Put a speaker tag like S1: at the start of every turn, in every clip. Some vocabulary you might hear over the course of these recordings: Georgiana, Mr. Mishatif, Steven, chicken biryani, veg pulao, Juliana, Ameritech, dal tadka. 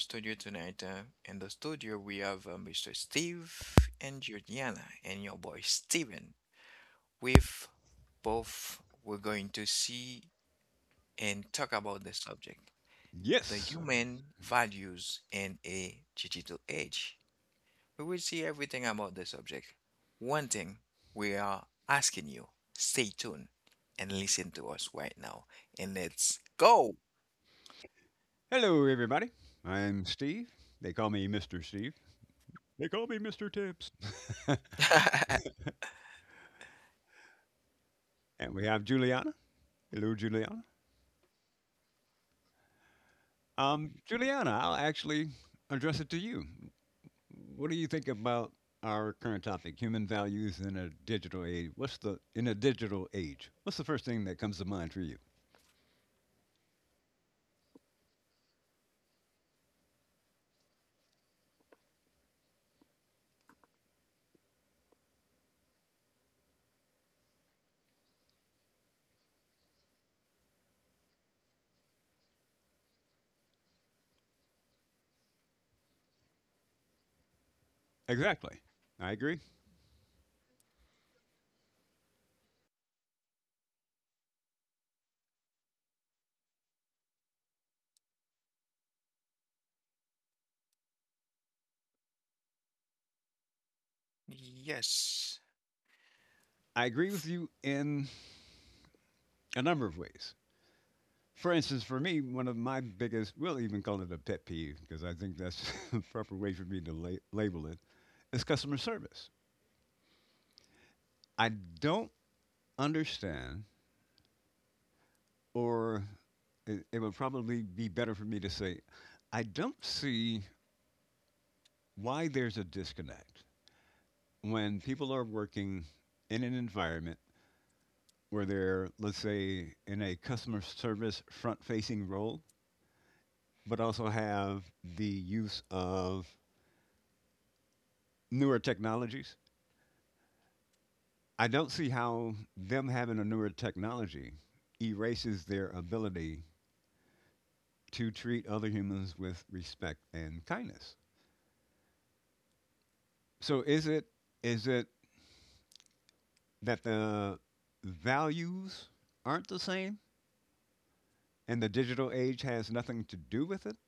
S1: studio tonight. In the studio, we have Mr. Steve and Georgiana, and your boy Steven. With both, we're going to see and talk about the subject the
S2: Yes.
S1: human values in a digital age. We will see everything about the subject. One thing we are asking you stay tuned and listen to us right now, and let's go.
S2: Hello, everybody. I'm Steve. They call me Mr. Steve. They call me Mr. Tips. And we have Juliana. Hello, Juliana. Juliana, I'll actually address it to you. What do you think about our current topic, human values in a digital age? What's the first thing that comes to mind for you? Exactly. I agree.
S1: Yes.
S2: I agree with you in a number of ways. For instance, for me, one of my biggest, we'll even call it a pet peeve because I think that's the proper way for me to label it, is customer service. I don't understand, or it would probably be better for me to say, I don't see why there's a disconnect when people are working in an environment where they're, let's say, in a customer service front facing role, but also have the use of newer technologies. I don't see how them having a newer technology erases their ability to treat other humans with respect and kindness. So is it that the values aren't the same and the digital age has nothing to do with it,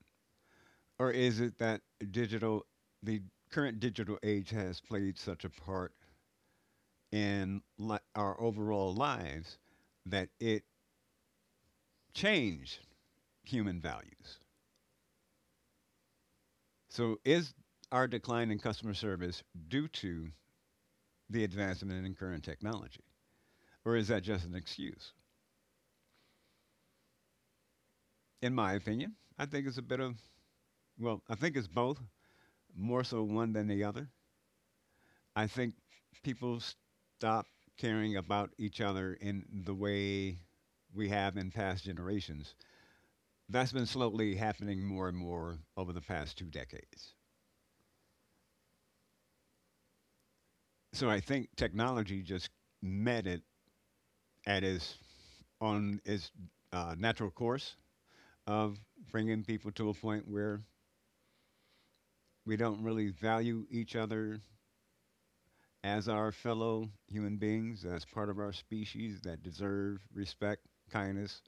S2: or is it that digital the current digital age has played such a part in our overall lives that it changed human values? So is our decline in customer service due to the advancement in current technology? Or is that just an excuse? In my opinion, I think it's a bit of, well, I think it's both, more so one than the other. I think people stop caring about each other in the way we have in past generations. That's been slowly happening more and more over the past two decades. So I think technology just met it at its natural course of bringing people to a point where we don't really value each other as our fellow human beings, as part of our species that deserve respect, kindness,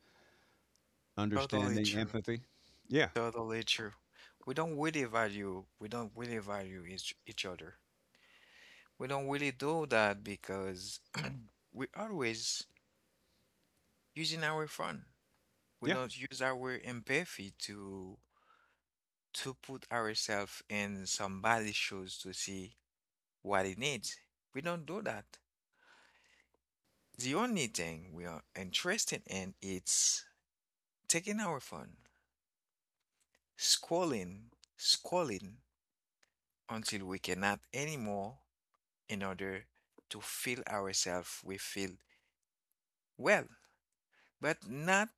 S1: Totally
S2: understanding,
S1: true.
S2: empathy. Yeah,
S1: Totally true. We don't really value each other. We don't really do that because we always using our phone. We
S2: yeah,
S1: don't use our empathy to put ourselves in somebody's shoes to see what it needs. We don't do that. The only thing we are interested in is taking our phone, scrolling, scrolling until we cannot anymore in order to feel ourselves we feel well, but not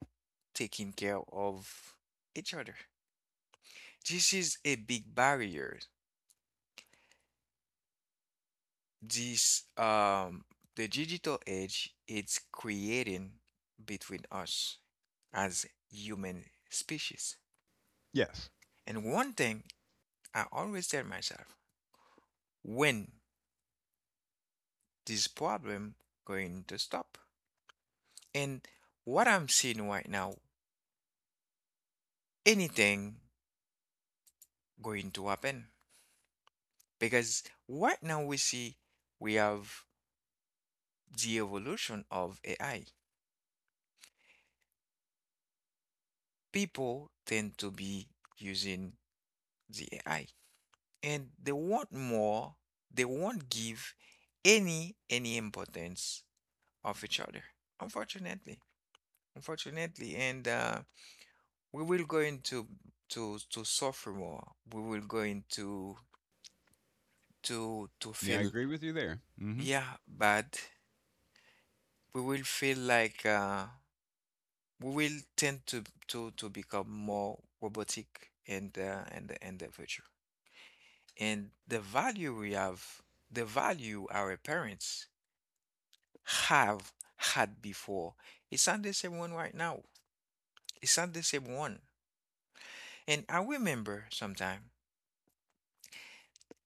S1: taking care of each other. This is a big barrier. This the digital age it's creating between us as human species.
S2: yes.
S1: And one thing I always tell myself, when this problem going to stop? And what I'm seeing right now, anything going to happen. Because right now we see we have the evolution of AI. People tend to be using the AI and they want more, they won't give any importance of each other. Unfortunately. Unfortunately. And we will go into to suffer more. We will go into to
S2: Yeah, I
S1: feel
S2: agree with you there. Hmm.
S1: yeah bad. We will feel like we will tend to to become more robotic in the in the future. And the value we have, the value our parents have had before, it's not the same one right now. It's not the same one. And I remember sometime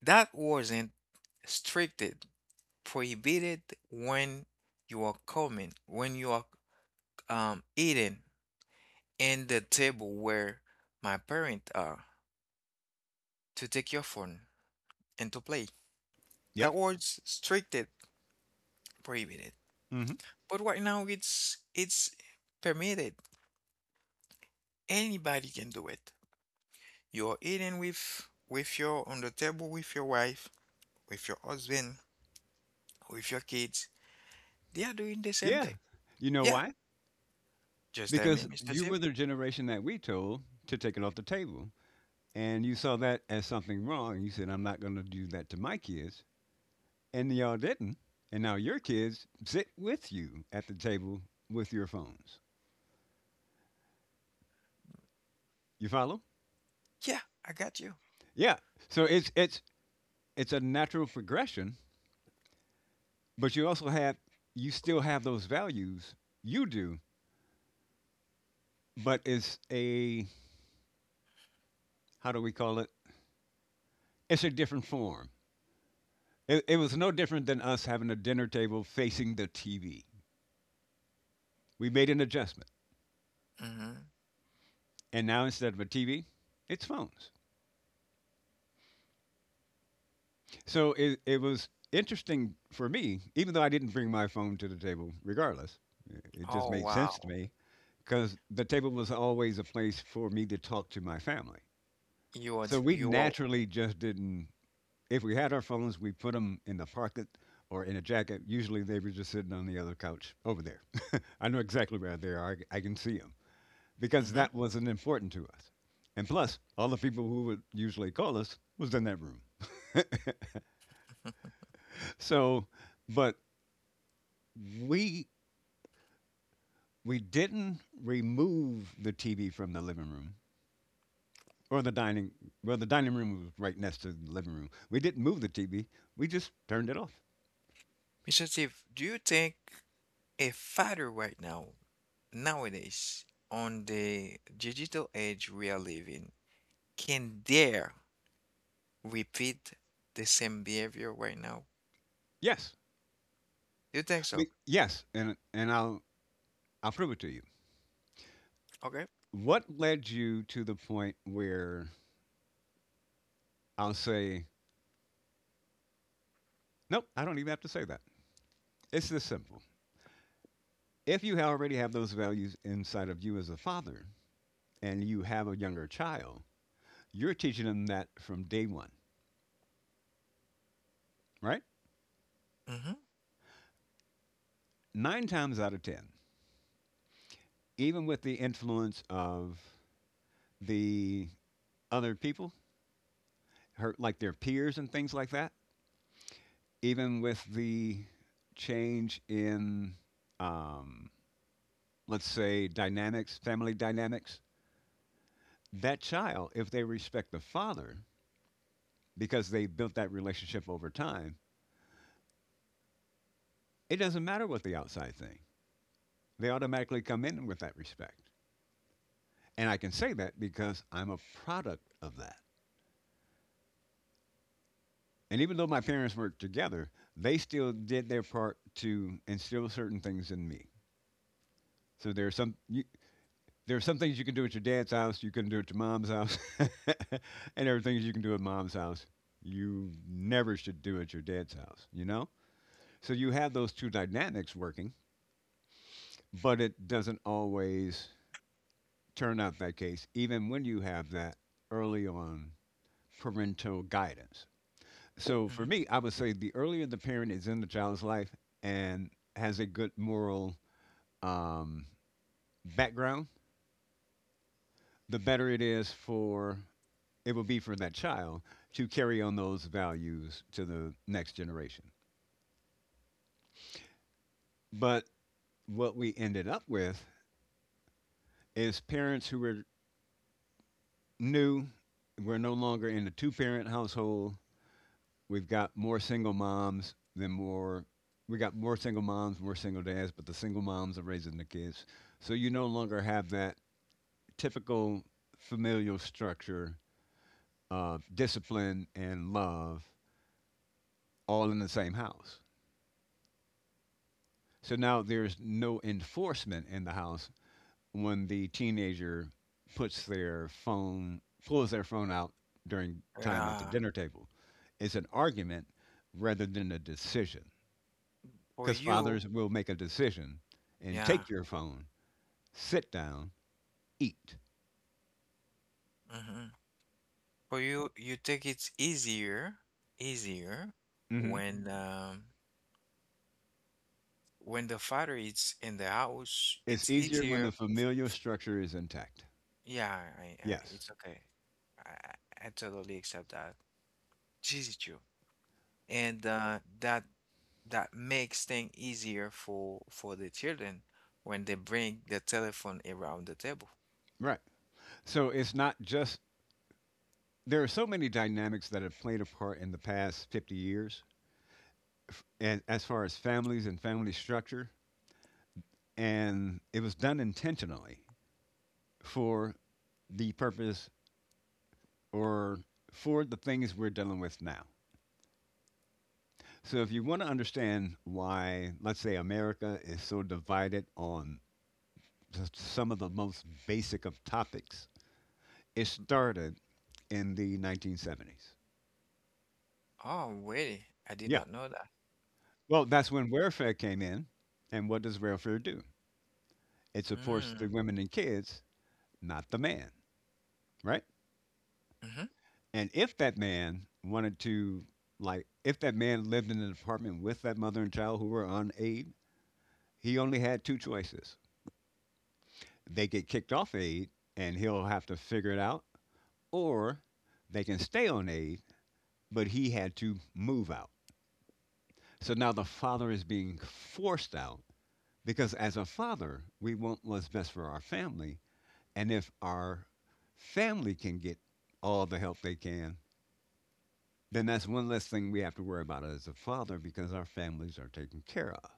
S1: that wasn't stricted, prohibited when you are coming, when you are eating in the table where my parents are to take your phone and to play.
S2: Yep.
S1: That was stricted prohibited.
S2: Hmm.
S1: But right now it's permitted. Anybody can do it. You're eating with your on the table with your wife, with your husband, with your kids. They are doing the same
S2: Yeah.
S1: thing.
S2: You know
S1: Yeah.
S2: why?
S1: Just tell me,
S2: Because
S1: Mr.
S2: you
S1: Steve.
S2: were the generation that we told to take it off the table. And you saw that as something wrong. You said, I'm not going to do that to my kids. And y'all didn't, and now your kids sit with you at the table with your phones. You follow?
S1: Yeah, I got you.
S2: Yeah. So it's a natural progression, but you still have those values. You do, but it's a, how do we call it? It's a different form. It was no different than us having a dinner table facing the TV. We made an adjustment,
S1: Hmm.
S2: and now instead of a TV, it's phones. So it was interesting for me, even though I didn't bring my phone to the table, regardless. It just
S1: Oh,
S2: made sense to
S1: wow.
S2: me because the table was always a place for me to talk to my family. So we
S1: You are
S2: naturally just didn't, if we had our phones, we put them in the pocket or in a jacket. Usually they were just sitting on the other couch over there. I know exactly where they are, I, I can see them because
S1: mm-hmm.
S2: that wasn't important to us. And plus, all the people who would usually call us was in that room. So, but we we didn't remove the TV from the living room or the dining. Well, the dining room was right next to the living room. We didn't move the TV. We just turned it off.
S1: Mr. Mishatif, do you think a father right now, nowadays, on the digital age we are living, can dare repeat the same behavior right now?
S2: Yes.
S1: Do you think so?
S2: Yes, and I'll prove it to you.
S1: Okay.
S2: What led you to the point where I'll say nope? I don't even have to say that. It's this simple. If you already have those values inside of you as a father, and you have a younger child, you're teaching them that from day one, right?
S1: Mm-hmm.
S2: Nine times out of ten, even with the influence of the other people, her like their peers and things like that, even with the change in um, let's say dynamics, family dynamics, that child, if they respect the father because they built that relationship over time, it doesn't matter what the outside thing. They automatically come in with that respect. And I can say that because I'm a product of that. And even though my parents weren't together, they still did their part to instill certain things in me. So there are there are some things you can do at your dad's house, you can do at your mom's house, and there are things you can do at mom's house you never should do at your dad's house. You know, so you have those two dynamics working, but it doesn't always turn out that case, even when you have that early on parental guidance. So for
S1: Mm-hmm.
S2: me, I would say the earlier the parent is in the child's life and has a good moral um, background, the better it will be for that child to carry on those values to the next generation. But what we ended up with is parents who new, were no longer in the two parent household. We've got more single moms than more. We got more single moms, more single dads, but the single moms are raising the kids. So you no longer have that typical familial structure of discipline and love all in the same house. So now there's no enforcement in the house when the teenager puts their phone, pulls their phone out during time at the
S1: Yeah.
S2: dinner table. It's an argument rather than a decision.
S1: For
S2: Because
S1: you,
S2: fathers will make a decision and
S1: yeah.
S2: take your phone, sit down, eat.
S1: Hmm. For you, you think it's easier, easier
S2: Hmm.
S1: when Mhm. When the father is in the house.
S2: It's
S1: It's
S2: easier when the
S1: easier.
S2: familial structure is intact.
S1: Yeah, I
S2: Yes,
S1: it's okay. I, I totally accept that. This is true, and that makes things easier for the children when they bring the telephone around the table.
S2: right. So it's not just, there are so many dynamics that have played a part in the past 50 years, and as far as families and family structure, and it was done intentionally for the purpose or for the things we're dealing with now. So, if you want to understand why, let's say, America is so divided on just some of the most basic of topics, it started in the 1970s.
S1: Oh, really? I did
S2: Yeah.
S1: not know that.
S2: Well, that's when welfare came in. And what does welfare do? It supports the
S1: Mm.
S2: women and kids, not the man, right?
S1: Mm-hmm.
S2: And if that man wanted to, like, if that man lived in an apartment with that mother and child who were on aid, he only had two choices. They get kicked off aid and he'll have to figure it out, or they can stay on aid, but he had to move out. So now the father is being forced out because, as a father, we want what's best for our family. And if our family can get all the help they can, then that's one less thing we have to worry about as a father because our families are taken care of.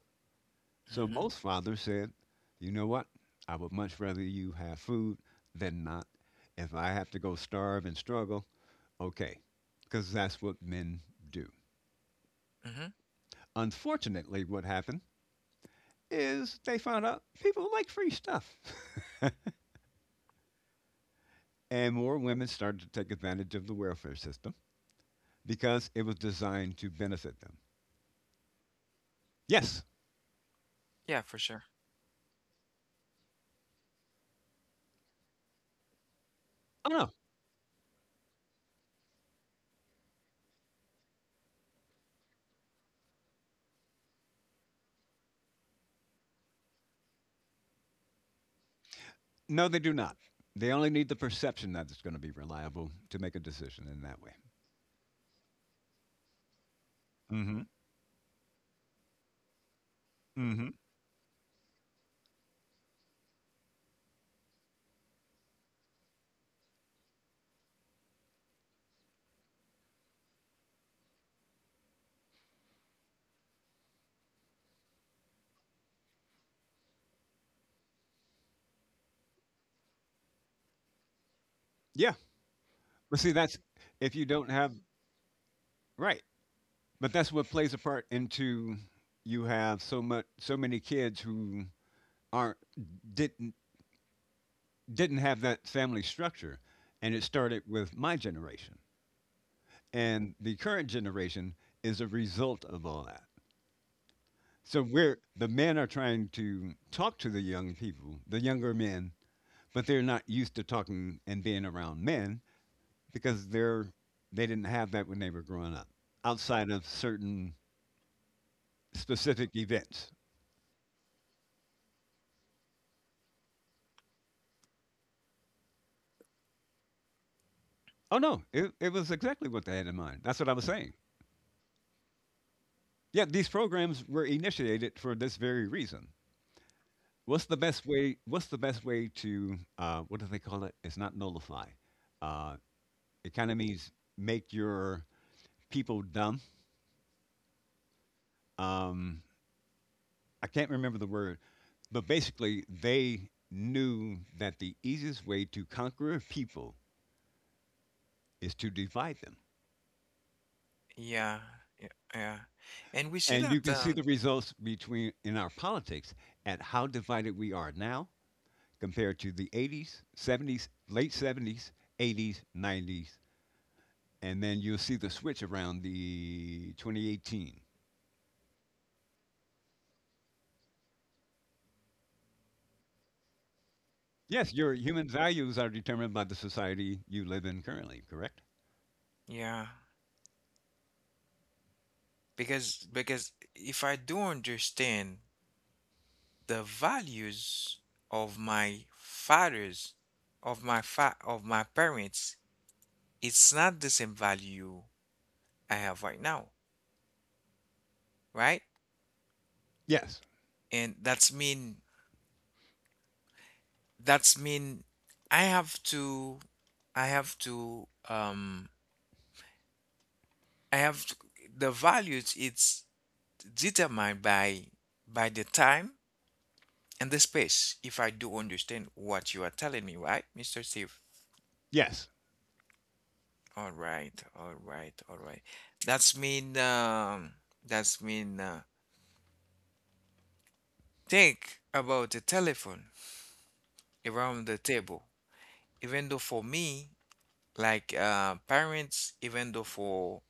S2: So
S1: Mm-hmm.
S2: most fathers said, you know what? I would much rather you have food than not. If I have to go starve and struggle, okay, because that's what men do.
S1: Mm-hmm.
S2: Unfortunately, what happened is they found out people like free stuff. And more women started to take advantage of the welfare system because it was designed to benefit them. Yes.
S1: Yeah, for sure.
S2: Oh, no. No, they do not. They only need the perception that it's going to be reliable to make a decision in that way. Mm hmm. Mm hmm. Yeah. But see, that's if you don't have right. But that's what plays a part into you have so much so many kids who aren't didn't didn't have that family structure, and it started with my generation, and the current generation is a result of all that. So we're the men are trying to talk to the young people, the younger men, but they're not used to talking and being around men because they didn't have that when they were growing up outside of certain specific events. Oh no, it was exactly what they had in mind. That's what I was saying. Yeah, these programs were initiated for this very reason. What's the best way? What's the best way to what do they call it? It's not nullify. Uh, it kind of means make your people dumb. Um, I can't remember the word, but basically they knew that the easiest way to conquer a people is to divide them.
S1: Yeah, yeah, yeah. And we see
S2: And you
S1: that,
S2: can see the results between in our politics at how divided we are now compared to the 80s, 70s, late 70s, 80s, 90s, and then you'll see the switch around the 2018. Yes, your human values are determined by the society you live in currently, correct?
S1: yeah, because if I do understand the values of my fathers, of my parents, it's not the same value I have right now, right?
S2: Yes.
S1: And that's mean I have to I have to um I have to, the values it's determined by the time in this space, if I do understand what you are telling me, right, Mr. Steve?
S2: Yes.
S1: All right, all right, all right. That's mean um that's mean think about the telephone around the table. Even though for me, like parents, even though for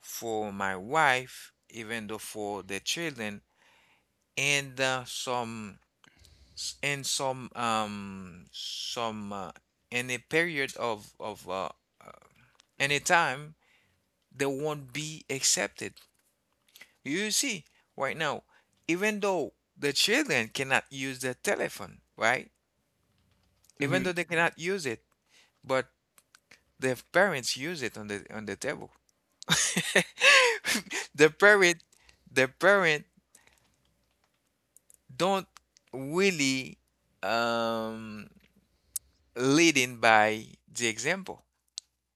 S1: my wife, even though for the children and some and some in a period of uh, any time they won't be accepted. You see, right now, even though the children cannot use the telephone, right? Even
S2: Hmm.
S1: though they cannot use it, but their parents use it on the table. The parent, the parent don't really um leading by the example.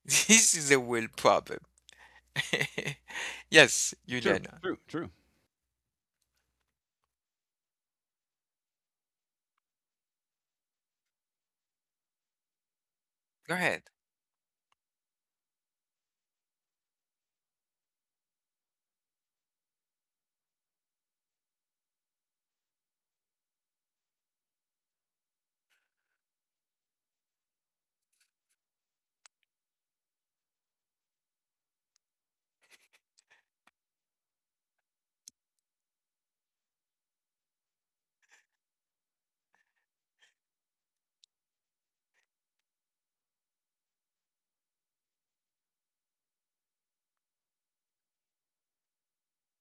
S1: This is a real problem. Yes,
S2: True.
S1: Juliana.
S2: True. True.
S1: Go ahead.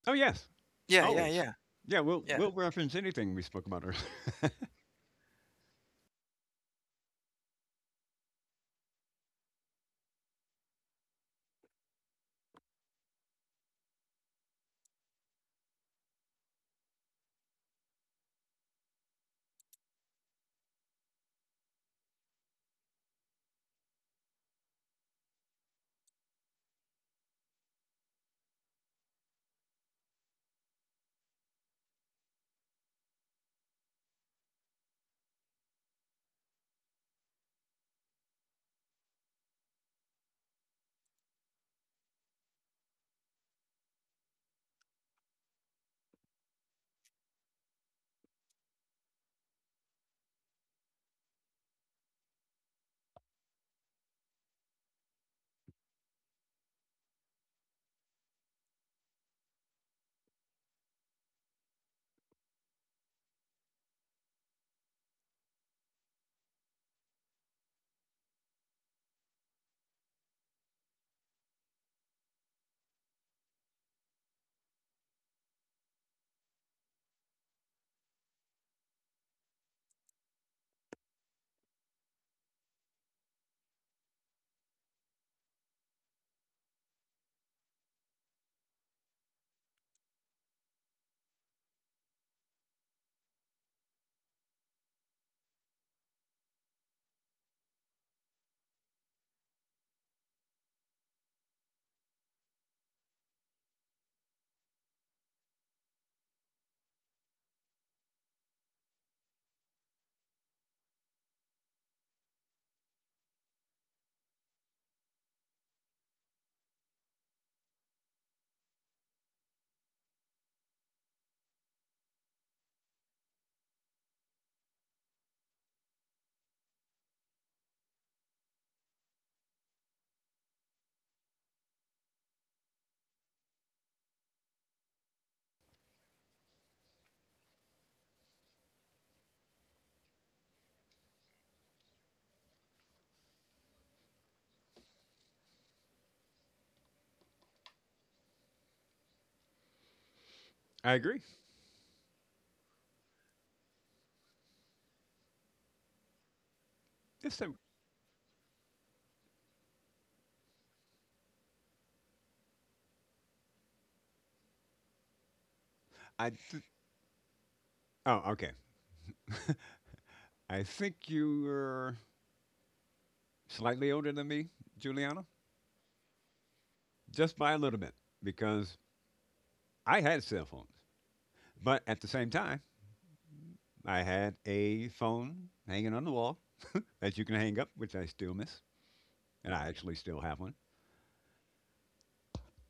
S2: Oh yes.
S1: Yeah, yeah,
S2: Always.
S1: yeah,
S2: Yeah, we'll
S1: yeah.
S2: we'll reference anything we spoke about earlier. I agree. Yes, I. I th- oh, okay. I think you were. Slightly older than me, Juliana, just by a little bit, because I had cell phones. But at the same time, I had a phone hanging on the wall that you can hang up, which I still miss. And I actually still have one.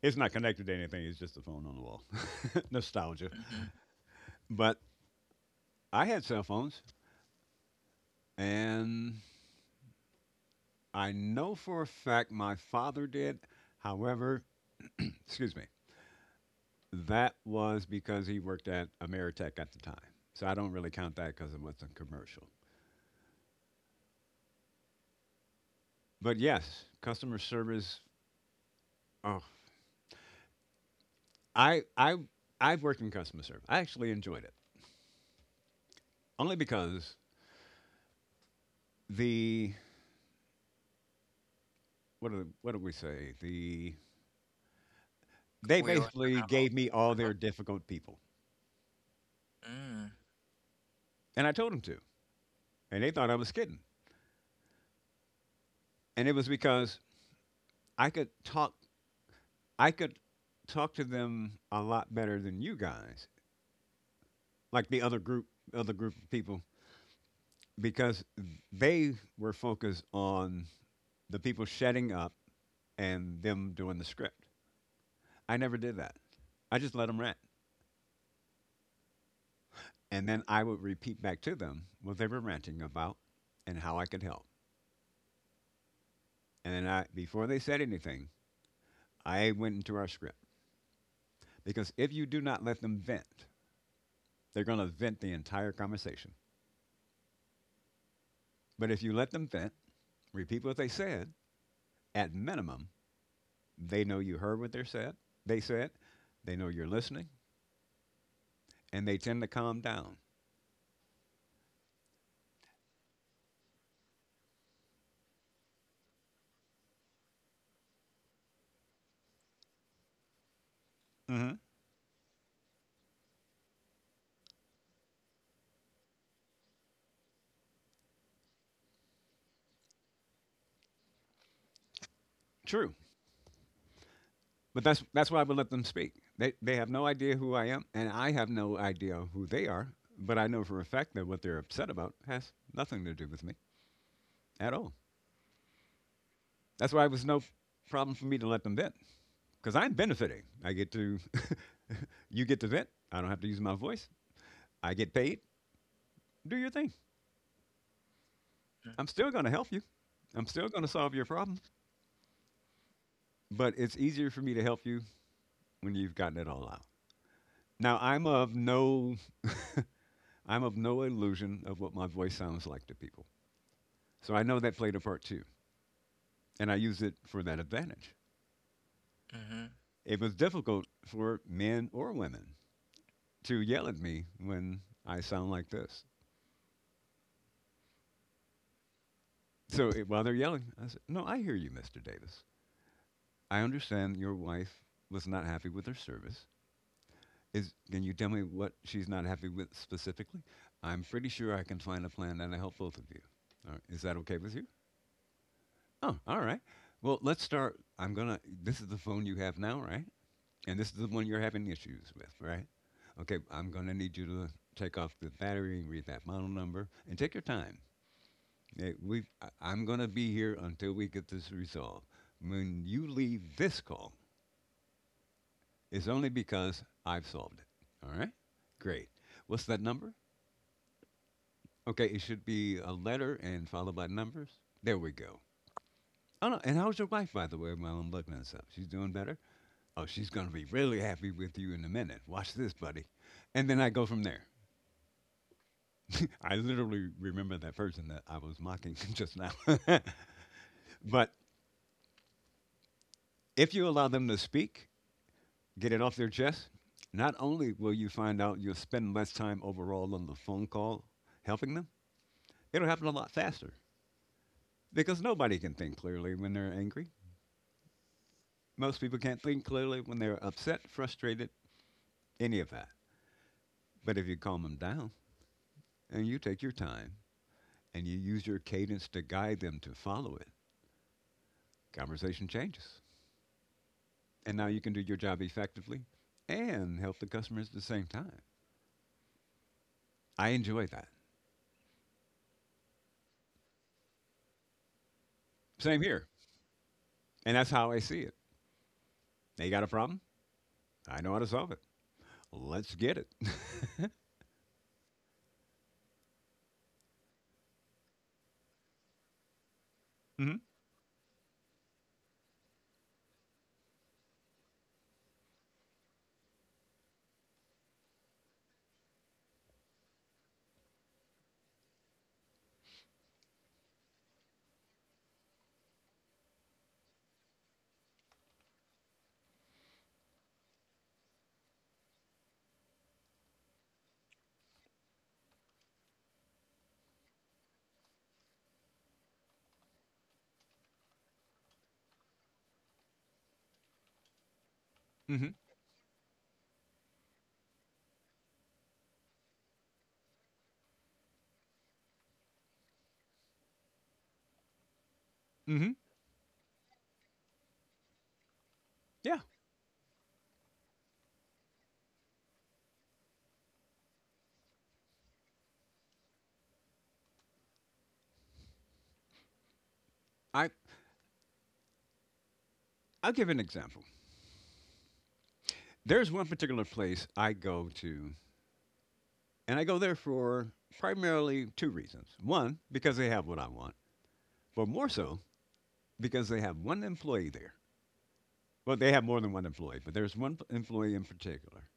S2: It's not connected to anything, it's just a phone on the wall. Nostalgia.
S1: Hmm.
S2: But I had cell phones, and I know for a fact my father did. However, excuse me, that was because he worked at Ameritech at the time. So I don't really count that because it was a commercial. But yes, customer service. Oh, I I I've worked in customer service. I actually enjoyed it only because the, what do we say? They
S1: We were
S2: basically
S1: talking about.
S2: gave me all their difficult people,
S1: Mm,
S2: and I told them to, and they thought I was kidding. And it was because I could talk. I could talk to them a lot better than you guys, like the other group of people, because they were focused on the people shutting up and them doing the script. I never did that. I just let them rant. And then I would repeat back to them what they were ranting about and how I could help. And then I, before they said anything, I went into our script. Because if you do not let them vent, they're going to vent the entire conversation. But if you let them vent, repeat what they said, at minimum, they know you heard what they said. They said, they know you're listening, and they tend to calm down. Mm-hmm. True. But that's why I would let them speak. They have no idea who I am, and I have no idea who they are. But I know for a fact that what they're upset about has nothing to do with me at all. That's why it was no problem for me to let them vent because I'm benefiting. I get to, you get to vent. I don't have to use my voice. I get paid. Do your thing.
S1: mhm,
S2: I'm still going to help you. I'm still going to solve your problem. But it's easier for me to help you when you've gotten it all out. Now I'm of no illusion of what my voice sounds like to people. So I know that played a part too. And I used it for that advantage.
S1: mhm,
S2: It was difficult for men or women to yell at me when I sound like this. So while they're yelling, I said, "No, I hear you, Mr. Davis. I understand your wife was not happy with her service. Can you tell me what she's not happy with specifically? I'm pretty sure I can find a plan that'll help both of you. All right, is that okay with you? Oh, all right. Well, let's start. This is the phone you have now, right? And this is the one you're having issues with, right? Okay, I'm going to need you to take off the battery and read that model number and take your time. I'm going to be here until we get this resolved. When you leave this call, it's only because I've solved it. All right? Great. What's that number? Okay, it should be a letter and followed by numbers. There we go. Oh, no. And how's your wife, by the way, while I'm looking this up? She's doing better? Oh, she's going to be really happy with you in a minute. Watch this, buddy." And then I go from there. I literally remember that person that I was mocking just now. But if you allow them to speak, get it off their chest, not only will you find out you'll spend less time overall on the phone call helping them, it'll happen a lot faster because nobody can think clearly when they're angry. Most people can't think clearly when they're upset, frustrated, any of that. But if you calm them down and you take your time and you use your cadence to guide them to follow it, conversation changes, and now you can do your job effectively and help the customers at the same time. I enjoy that. Same here. And that's how I see it. They got a problem. I know how to solve it. Let's get it. hmm hmm hmm Yeah. I, I'll give an example. There's one particular place I go to, and I go there for primarily two reasons. One, because they have what I want, but more so because they have one employee there. Well, they have more than one employee, but there's one employee in particular.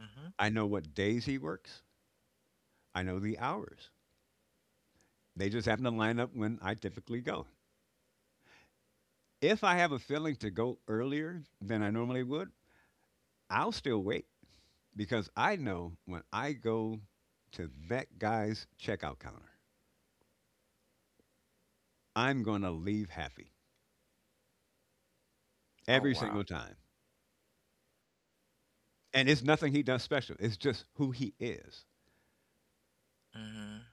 S1: mhm.
S2: I know what days he works. I know the hours. They just happen to line up when I typically go. If I have a feeling to go earlier than I normally would, I'll still wait because I know when I go to that guy's checkout counter, I'm going to leave happy
S1: Oh,
S2: every
S1: wow.
S2: single time. And it's nothing he does special, it's just who he is.
S1: Mhm,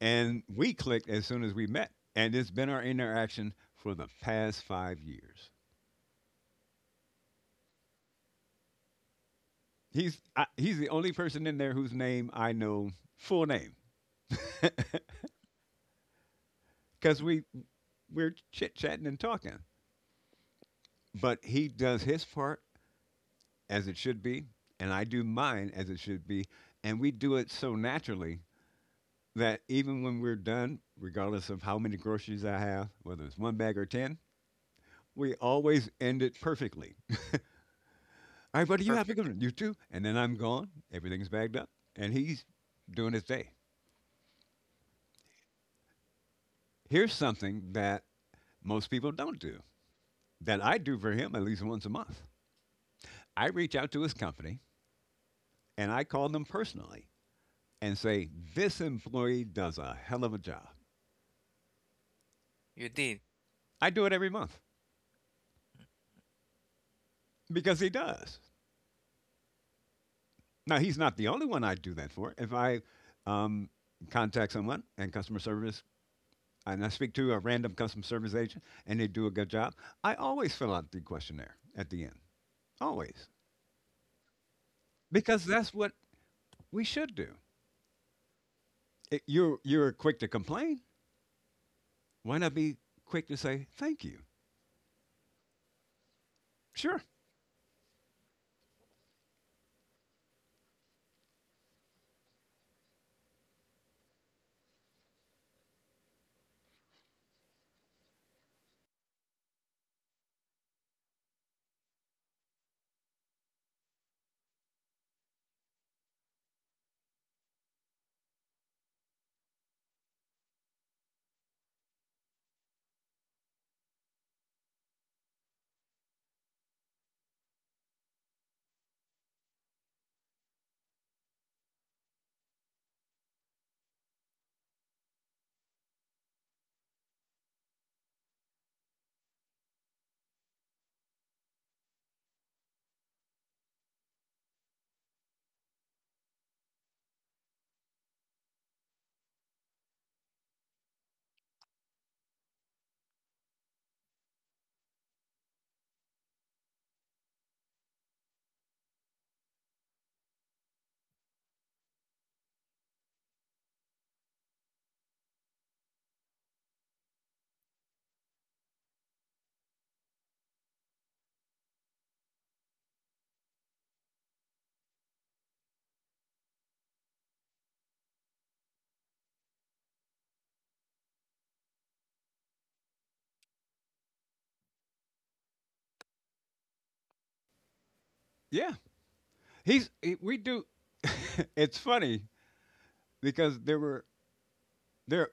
S2: And we clicked as soon as we met. And it's been our interaction for the past 5 years. He's the only person in there whose name I know full name because
S1: mhm.
S2: we're chit chatting and talking. But he does his part as it should be, and I do mine as it should be. And we do it so naturally that even when we're done, regardless of how many groceries I have, whether it's one bag or 10, we always end it perfectly. "All right, buddy, you have a good
S1: Perfect.
S2: one." "You too." And then I'm gone. Everything's bagged up. And he's doing his day. Here's something that most people don't do that I do for him at least once a month. I reach out to his company and I call them personally and say, "This employee does a hell of a job."
S1: You did.
S2: I do it every month because he does. Now, he's not the only one I do that for. If I um, contact someone and customer service, and I speak to a random customer service agent and they do a good job, I always fill out the questionnaire at the end, always, because that's what we should do. You're quick to complain. Why not be quick to say, "Thank you"? Sure. Yeah. We do. It's funny because there were, there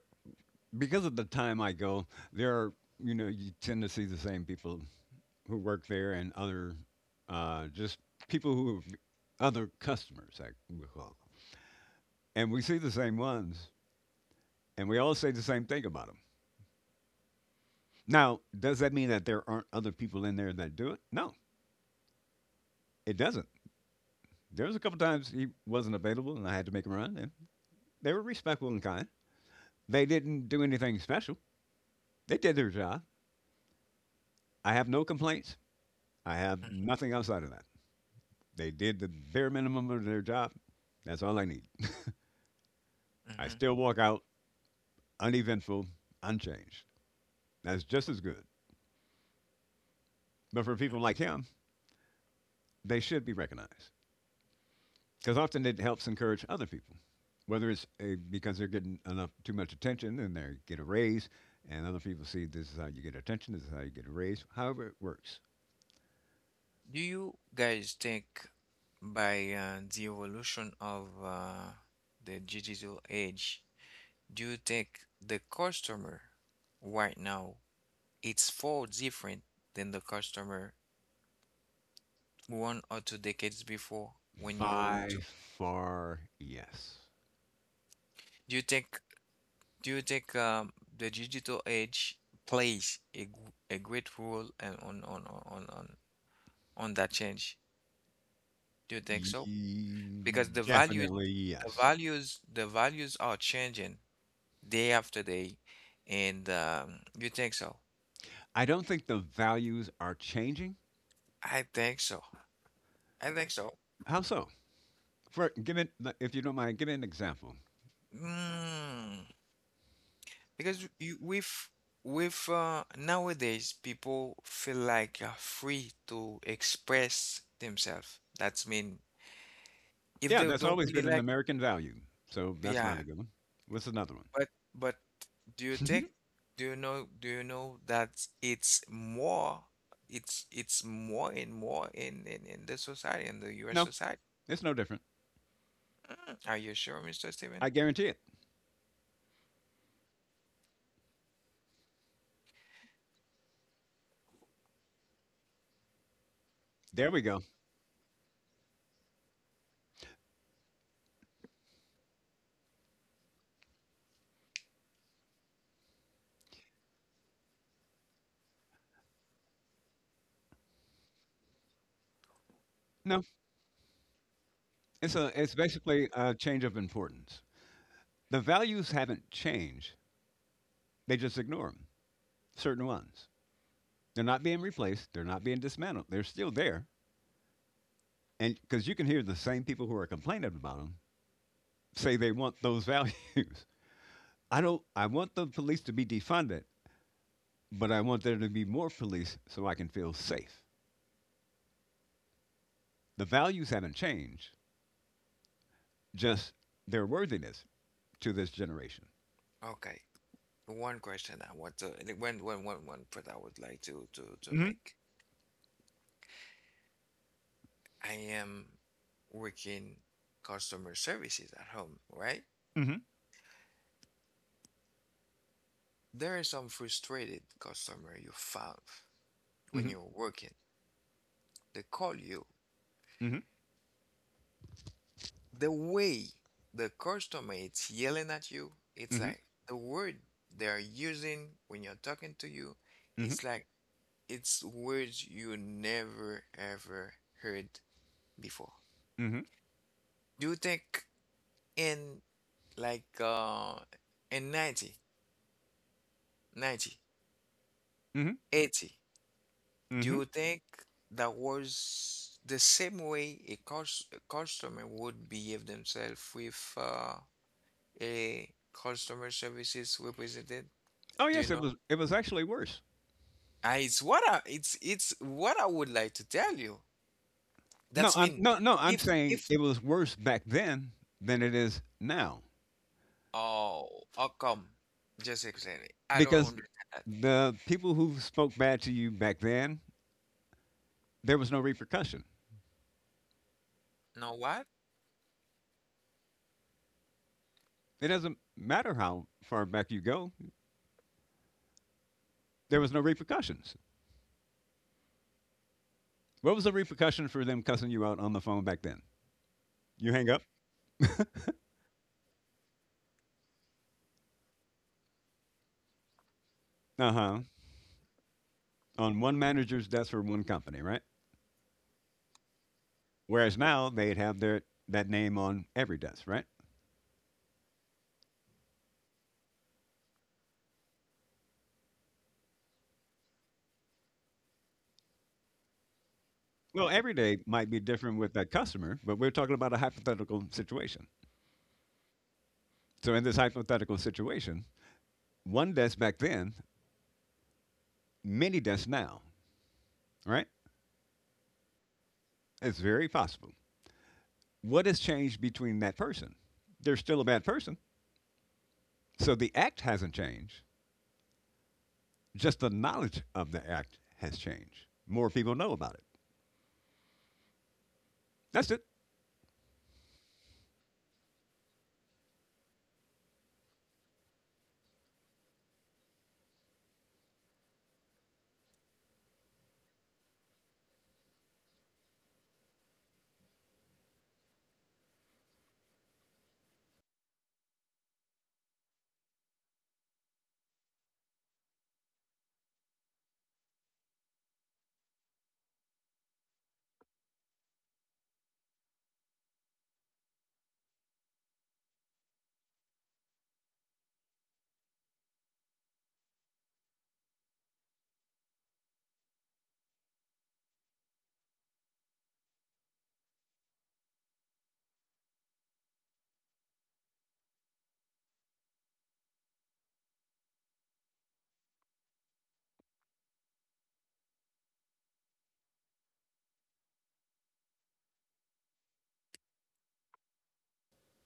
S2: because of the time I go, there are, you tend to see the same people who work there and other, just people who have other customers, I would call them. And we see the same ones, and we all say the same thing about them. Now, does that mean that there aren't other people in there that do it? No, it doesn't. There was a couple times he wasn't available, and I had to make him run, and they were respectful and kind. They didn't do anything special. They did their job. I have no complaints. I have
S1: Mm,
S2: nothing outside of that. They did the bare minimum of their job. That's all I need. I
S1: mhm.
S2: still walk out uneventful, unchanged. That's just as good. But for people like him, they should be recognized because often it helps encourage other people, whether because they're getting enough too much attention and they get a raise, and other people see this is how you get attention, this is how you get a raise. However, it works.
S1: Do you guys think by the evolution of the digital age, do you think the customer right now it's far different than the customer one or two decades before when you
S2: By
S1: talk?
S2: far, yes.
S1: Do you think Do you think the digital age plays a, a great role and on that change? Do you think so? Because
S2: Ye-
S1: the values
S2: Definitely
S1: the
S2: yes.
S1: values the values are changing day after day, and you think so?
S2: I don't think the values are changing.
S1: I think so. I think so.
S2: How so? For give it, if you don't mind, give me an example.
S1: Mm. Because you, with nowadays people feel like free to express themselves. That's mean if
S2: Yeah,
S1: they
S2: that's
S1: don't
S2: always
S1: really
S2: been an
S1: like.
S2: American value. So that's
S1: Yeah,
S2: not a good one. What's another one?
S1: but but do you think do you know that it's more it's more and more in the society in the U.S.
S2: No,
S1: society?
S2: it's no different.
S1: Mm. Are you sure, Mr.
S2: I
S1: Steven?
S2: guarantee it. There we go. No, it's basically a change of importance. The values haven't changed. They just ignore them. Certain ones. They're not being replaced. They're not being dismantled. They're still there. And because you can hear the same people who are complaining about them say they want those values. I don't. I want the police to be defunded, but I want there to be more police so I can feel safe. The values haven't changed, just their worthiness to this generation.
S1: Okay. One question I want to and one point I would like to to
S2: Mm-hmm.
S1: make. I am working customer services at home, right?
S2: Mm-hmm.
S1: There are some frustrated customer you found when
S2: Mm-hmm.
S1: you're working. They call you
S2: Mm-hmm.
S1: the way the customer is yelling at you, it's
S2: Mm-hmm.
S1: like the word they're using when you're talking to you,
S2: Mm-hmm.
S1: it's like it's words you never ever heard before.
S2: Mm-hmm.
S1: Do you think in like in 90, 90,
S2: Mm-hmm.
S1: eighty? Do
S2: Mm-hmm.
S1: you think that was the same way a, cus a customer would behave themselves with a customer services representative?
S2: Oh
S1: Do you
S2: yes, it
S1: know,
S2: was. It was actually worse.
S1: I, it's what I, it's what I would like to tell you.
S2: No,
S1: That's
S2: I'm
S1: mean
S2: no no. I'm
S1: if
S2: saying it was worse back then than it is now
S1: oh, how come? Just explain it. I don't
S2: because
S1: understand that.
S2: the people who spoke bad to you back then, there was no repercussion.
S1: Know what?
S2: It doesn't matter how far back you go. There was no repercussions. What was the repercussion for them cussing you out on the phone back then? You hang up? Uh huh. On one manager's desk for one company, right? Whereas now they'd have their that name on every desk, right? Well, every day might be different with that customer, but we're talking about a hypothetical situation. So in this hypothetical situation, one desk back then, many desks now, right? It's very possible. What has changed between that person? They're still a bad person. So the act hasn't changed. Just the knowledge of the act has changed. More people know about it. That's it.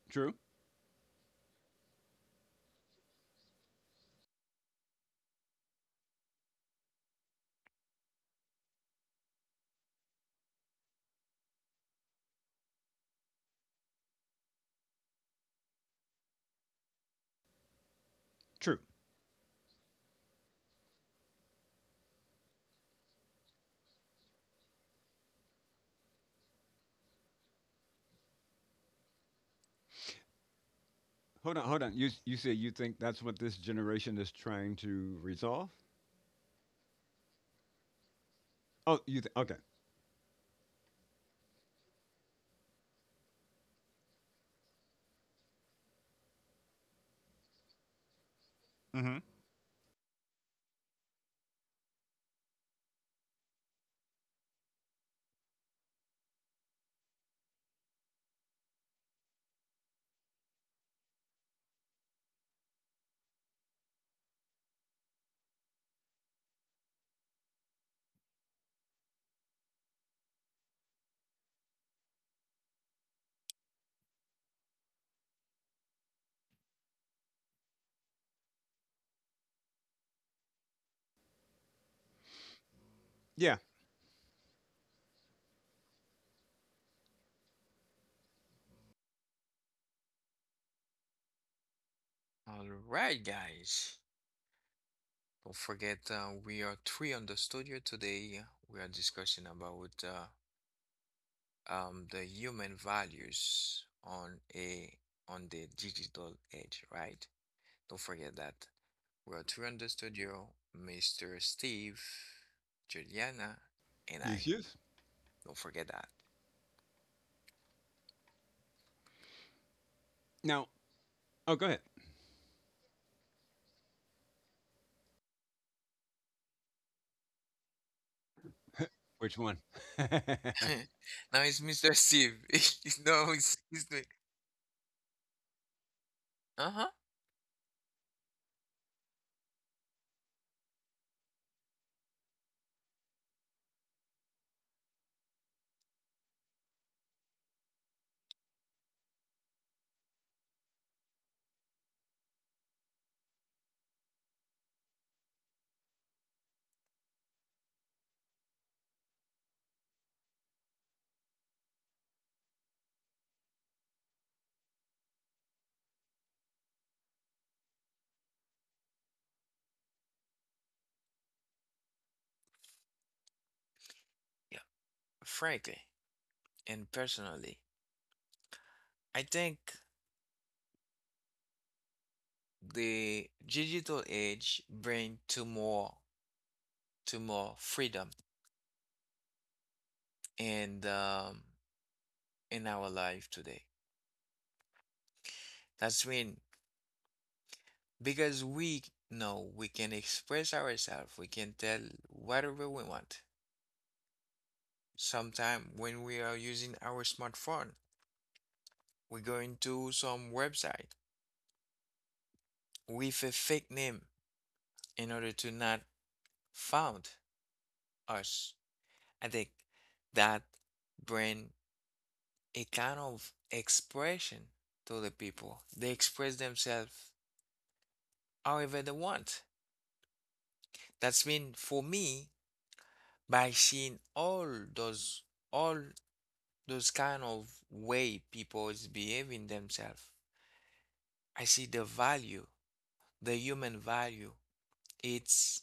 S2: True. True. Hold on, hold on. You said you think that's what this generation is trying to resolve? Oh, okay? Mm-hmm. Yeah,
S1: All right, guys. Don't forget we are three on the studio today. We are discussing about the human values on a on the digital age, right? Don't forget that. We are three on the studio, Mr. Steve, Juliana, and
S2: the
S1: I.
S2: issues.
S1: Don't forget that.
S2: Now, oh, go ahead. Which one?
S1: Now it's Mr. Steve. He's, no, he's, it's the, uh-huh. Yeah, frankly and personally, I think the digital age bring to more freedom and in our life today. That's when because we know we can express ourselves, we can tell whatever we want. Sometime when we are using our smartphone, we go into some website with a fake name in order to not found us. I think that bring a kind of expression to the people. They express themselves however they want. That's been for me by seeing those all those kind of way people is behaving themselves. I see the value, the human value. It's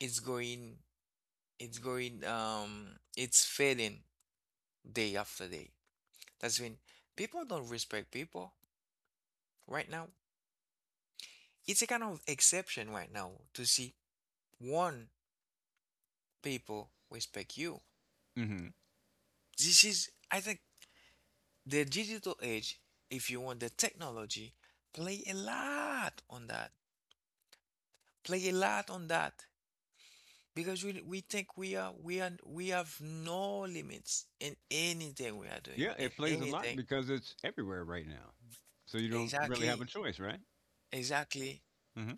S1: it's going it's going it's fading day after day. That's when people don't respect people right now. It's a kind of exception right now to see one people respect you.
S2: Mm-hmm.
S1: This is, I think, the digital age, if you want the technology, play a lot on that. Play a lot on that because we think we are we are we have no limits in anything we are doing
S2: Yeah,
S1: in
S2: it plays a lot
S1: anything.
S2: because it's everywhere right now. So you don't really have
S1: Exactly,
S2: a choice, right?
S1: exactly.
S2: Mm-hmm.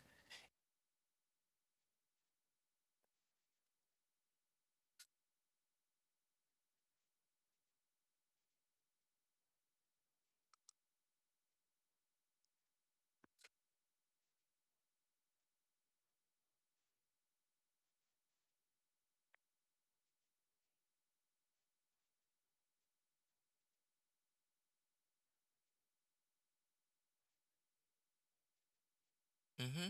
S1: Mm-hmm.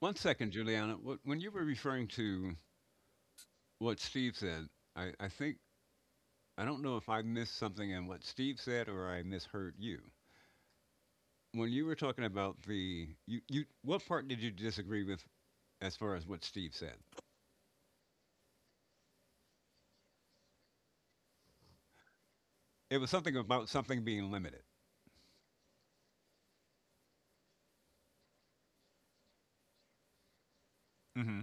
S2: One second, Juliana. What, when you were referring to what Steve said, I think I don't know if I missed something in what Steve said or I misheard you. When you were talking about the you what part did you disagree with as far as what Steve said? It was something about something being limited. Hmm.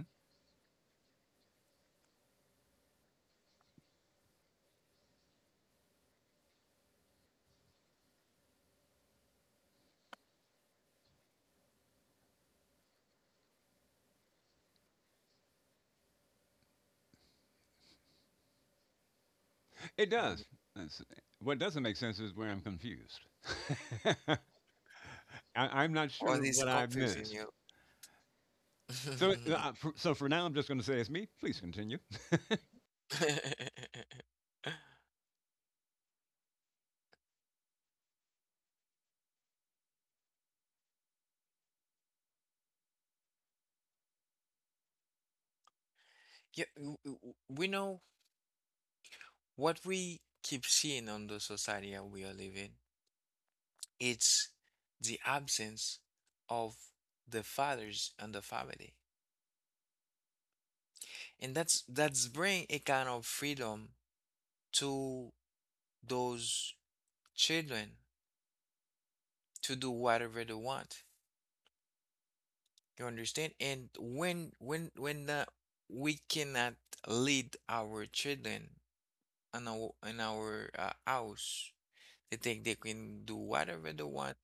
S2: It does. That's- what doesn't make sense is where I'm confused. I, I'm not
S1: All
S2: sure
S1: this
S2: what I
S1: confusing
S2: missed.
S1: you.
S2: So, for now, I'm just going to say it's me. Please continue.
S1: Yeah, we know what we keep seeing on the society that we are living. It's the absence of the fathers and the family, and that's bring a kind of freedom to those children to do whatever they want. You understand? And when we cannot lead our children in our house. They think they can do whatever they want.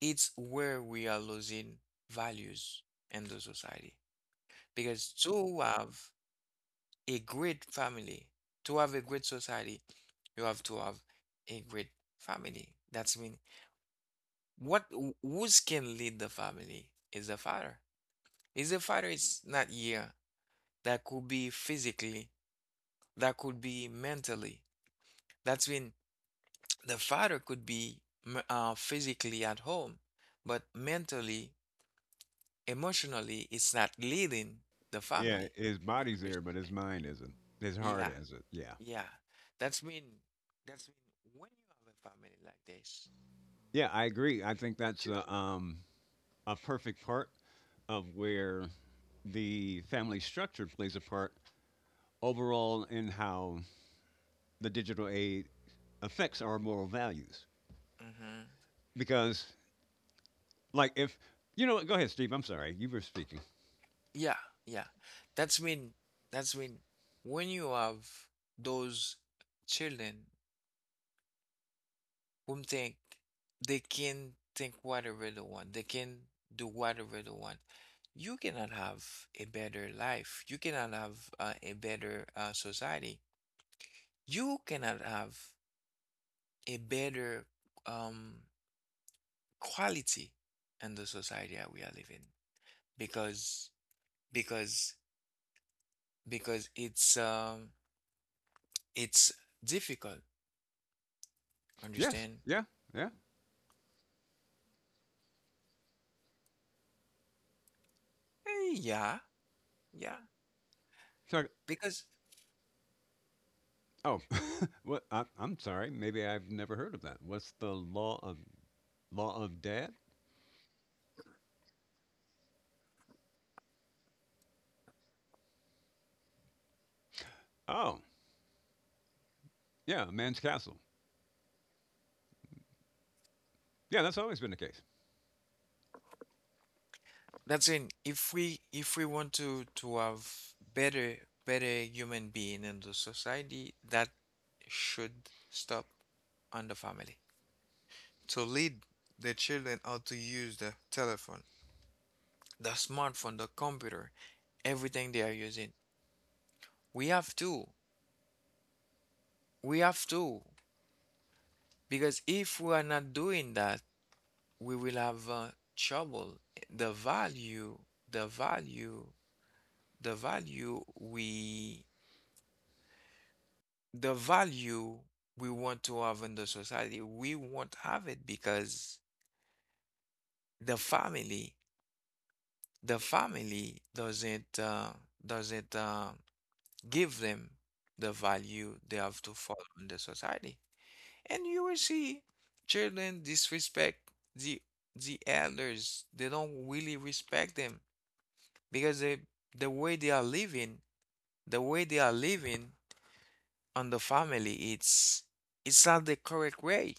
S1: It's where we are losing values in the society. Because to have a great family, to have a great society, you have to have a great family. That's mean what who's can lead the family is the father. Is the father is not here. That could be physically, that could be mentally. That's when the father could be physically at home, but mentally emotionally it's not leading the
S2: Yeah,
S1: family,
S2: his
S1: you
S2: body's there, but his
S1: understand
S2: mind isn't. His
S1: me?
S2: heart
S1: Yeah,
S2: isn't. Yeah.
S1: yeah. That's mean that's mean when you have a family like this
S2: Yeah, I agree. I think that's
S1: just
S2: a perfect part of where the family structure plays a part overall in how the digital age affects our moral values.
S1: hmm
S2: Because, like, if you know, what, go ahead, Steve. I'm sorry, you were speaking.
S1: yeah yeah. That's mean that's mean when you have those children whom think they can think whatever they want, they can do whatever they want, you cannot have a better life, you cannot have a better society, you cannot have a better um, quality in the society that we are living because because because it's difficult
S2: Yes,
S1: understand.
S2: yeah, yeah.
S1: Eh, yeah, yeah,
S2: Sorry.
S1: because
S2: Oh, what? I'm sorry. Maybe I've never heard of that. What's the law of dad? Oh, yeah, a man's castle. Yeah, that's always been the case.
S1: that's in if we want to have better better human being in the society that should stop on the family to lead the children how to use the telephone, the smartphone, the computer, everything they are using. We have to. We have to. Because if we are not doing that, we will have trouble. The value, the value, the value we, the value we want to have in the society, we won't have it because the family, the family doesn't give them the value they have to follow in the society. And you will see children disrespect the elders. They don't really respect them because they, the way they are living, the way they are living on the family, it's not the correct way.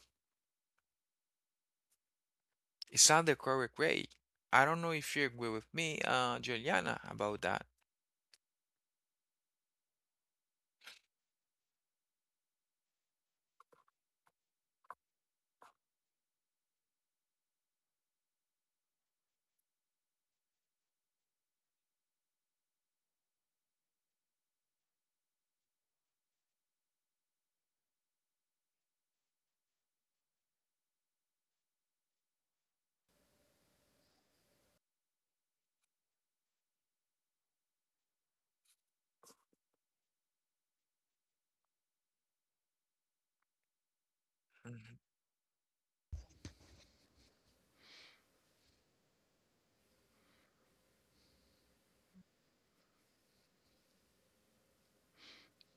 S1: It's not the correct way. I don't know if you agree with me, Juliana, about that. Mhm.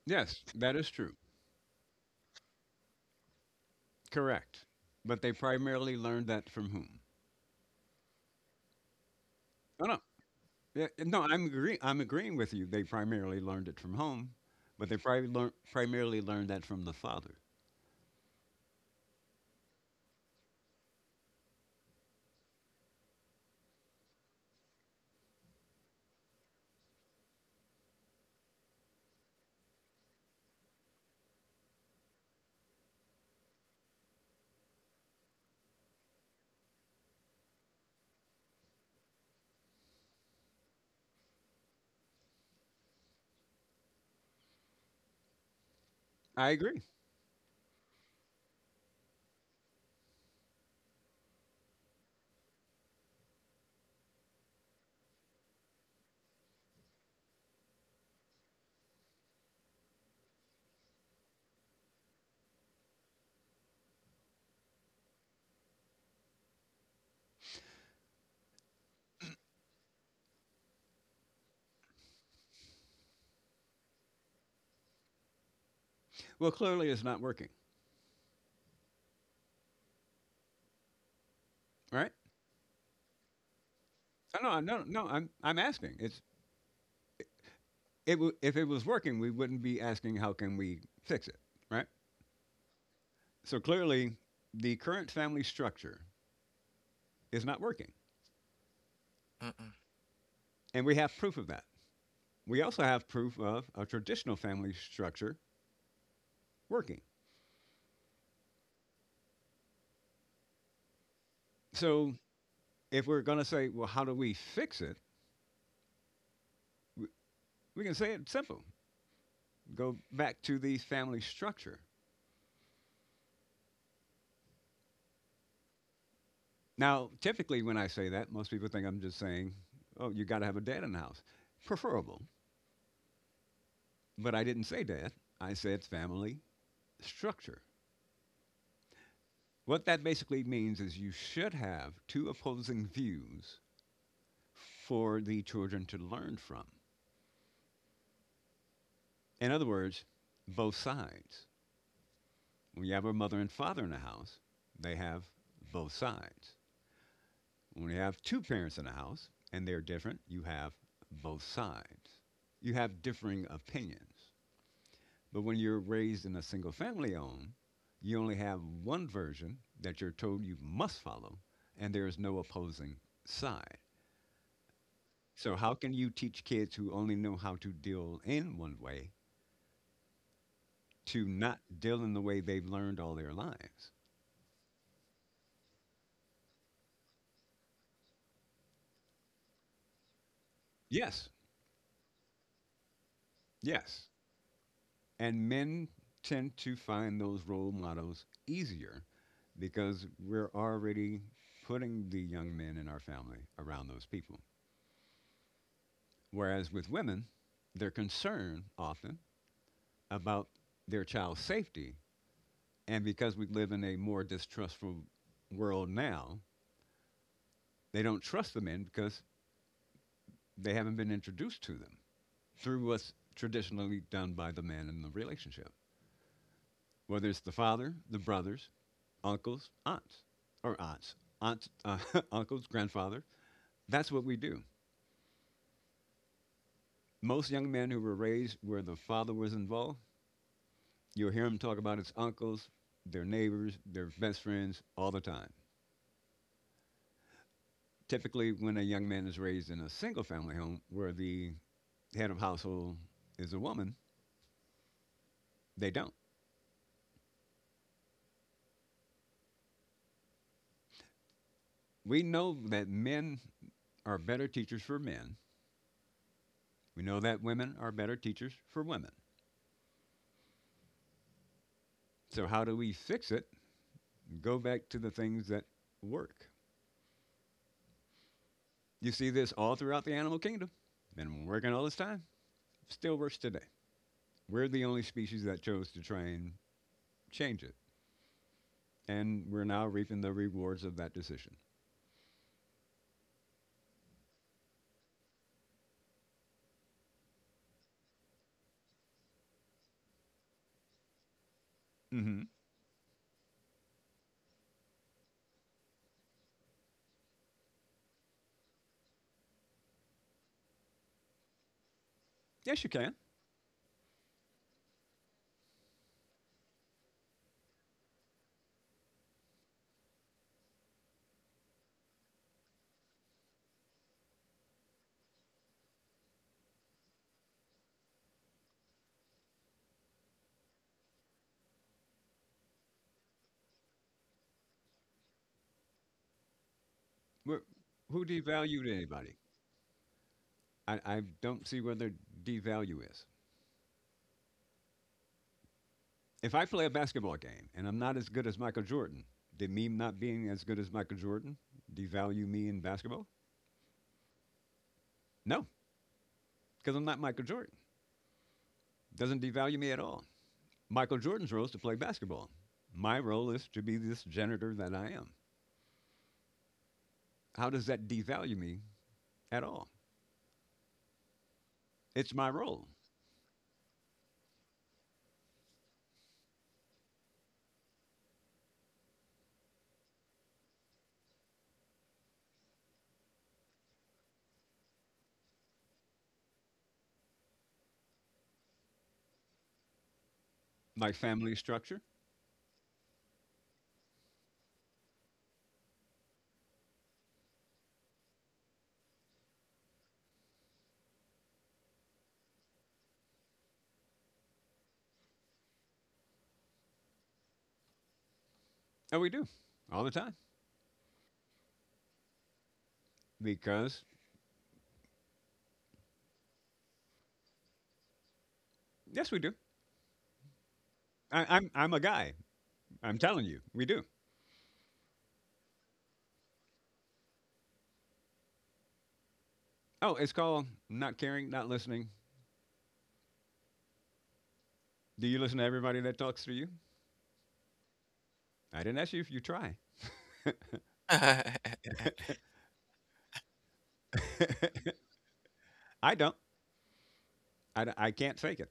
S2: Yes, that is true. Correct. But they primarily learned that from whom? Oh no, yeah, no, I'm agreeing with you. They primarily learned it from home, but they probably learn primarily learned that from the father. I agree. Well, clearly it's not working, right? Oh, no, no, no. I'm asking. If it was working, we wouldn't be asking how can we fix it, right? So clearly, the current family structure is not working,
S1: Mm-mm.
S2: and we have proof of that. We also have proof of a traditional family structure working. So if we're going to say, well, how do we fix it? w- We can say it's simple. Go back to the family structure. Now, typically, when I say that, most people think I'm just saying, oh, you got to have a dad in the house. Preferable. But I didn't say dad, I said family structure. What that basically means is you should have two opposing views for the children to learn from. In other words, both sides. When you have a mother and father in the house, they have both sides. When you have two parents in a house and they're different, you have both sides. You have differing opinions. But when you're raised in a single family home, you only have one version that you're told you must follow, and there is no opposing side. So, how can you teach kids who only know how to deal in one way to not deal in the way they've learned all their lives? Yes, yes. And men tend to find those role models easier because we're already putting the young men in our family around those people. Whereas with women, they're concerned often about their child's safety. And because we live in a more distrustful world now, they don't trust the men because they haven't been introduced to them through what's traditionally done by the man in the relationship. Whether it's the father, the brothers, uncles, or aunts, aunts, uncles, grandfather. That's what we do. Most young men who were raised where the father was involved, you'll hear them talk about his uncles, their neighbors, their best friends all the time. Typically, when a young man is raised in a single family home where the head of household is a woman, they don't. We know that men are better teachers for men. We know that women are better teachers for women. So, how do we fix it? Go back to the things that work. You see this all throughout the animal kingdom. Been working all this time. Still works today. We're the only species that chose to try and change it. And we're now reaping the rewards of that decision. Hmm. Yes, you can. Wh- who devalued anybody? I don't see where their devalue is. If I play a basketball game and I'm not as good as Michael Jordan, did me not being as good as Michael Jordan devalue me in basketball? No, because I'm not Michael Jordan. Doesn't devalue me at all. Michael Jordan's role is to play basketball. My role is to be this janitor that I am. How does that devalue me at all? It's my role, my family structure. Oh, we do all the time because, yes, we do. I'm a guy. I'm telling you, we do. Oh, it's called not caring, not listening. Do you listen to everybody that talks to you? I didn't ask you if you try. I don't. I can't fake it.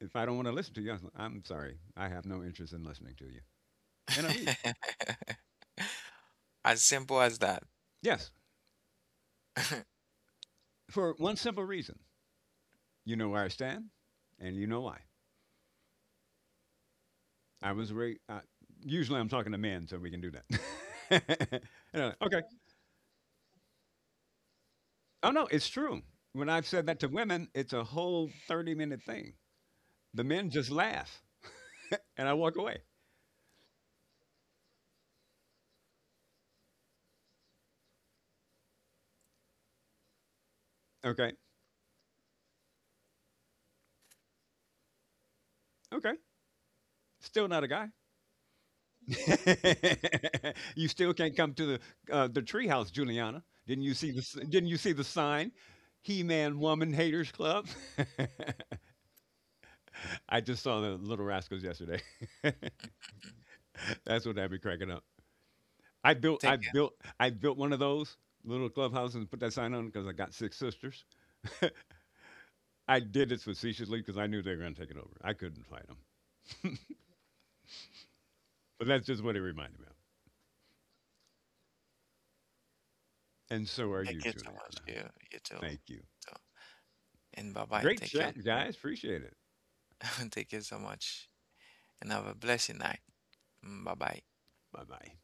S2: If I don't want to listen to you, I'm sorry. I have no interest in listening to you. And I leave.
S1: As simple as that.
S2: Yes, for one simple reason. You know where I stand, and you know why. I was very. Usually, I'm talking to men, so we can do that. And I'm like, okay. Oh no, it's true. When I've said that to women, it's a whole 30-minute minute thing. The men just laugh, and I walk away. Okay. Okay. Still not a guy. You still can't come to the treehouse, Juliana. Didn't you see the s- Didn't you see the sign? He Man Woman Haters Club. I just saw the Little Rascals yesterday. That's what had me cracking up. I built, I
S1: Thank you.
S2: built, I built one of those little clubhouses and put that sign on because I got six sisters. I did it facetiously because I knew they were going to take it over. I couldn't fight them, but that's just what it reminded me of. And so are you,
S1: Thank you so much.
S2: Juliana.
S1: You too.
S2: Thank you.
S1: Too. And bye bye.
S2: Great
S1: Thank you.
S2: chat, guys. Appreciate it.
S1: Thank you so much and have a blessed night. Bye bye.
S2: Bye bye.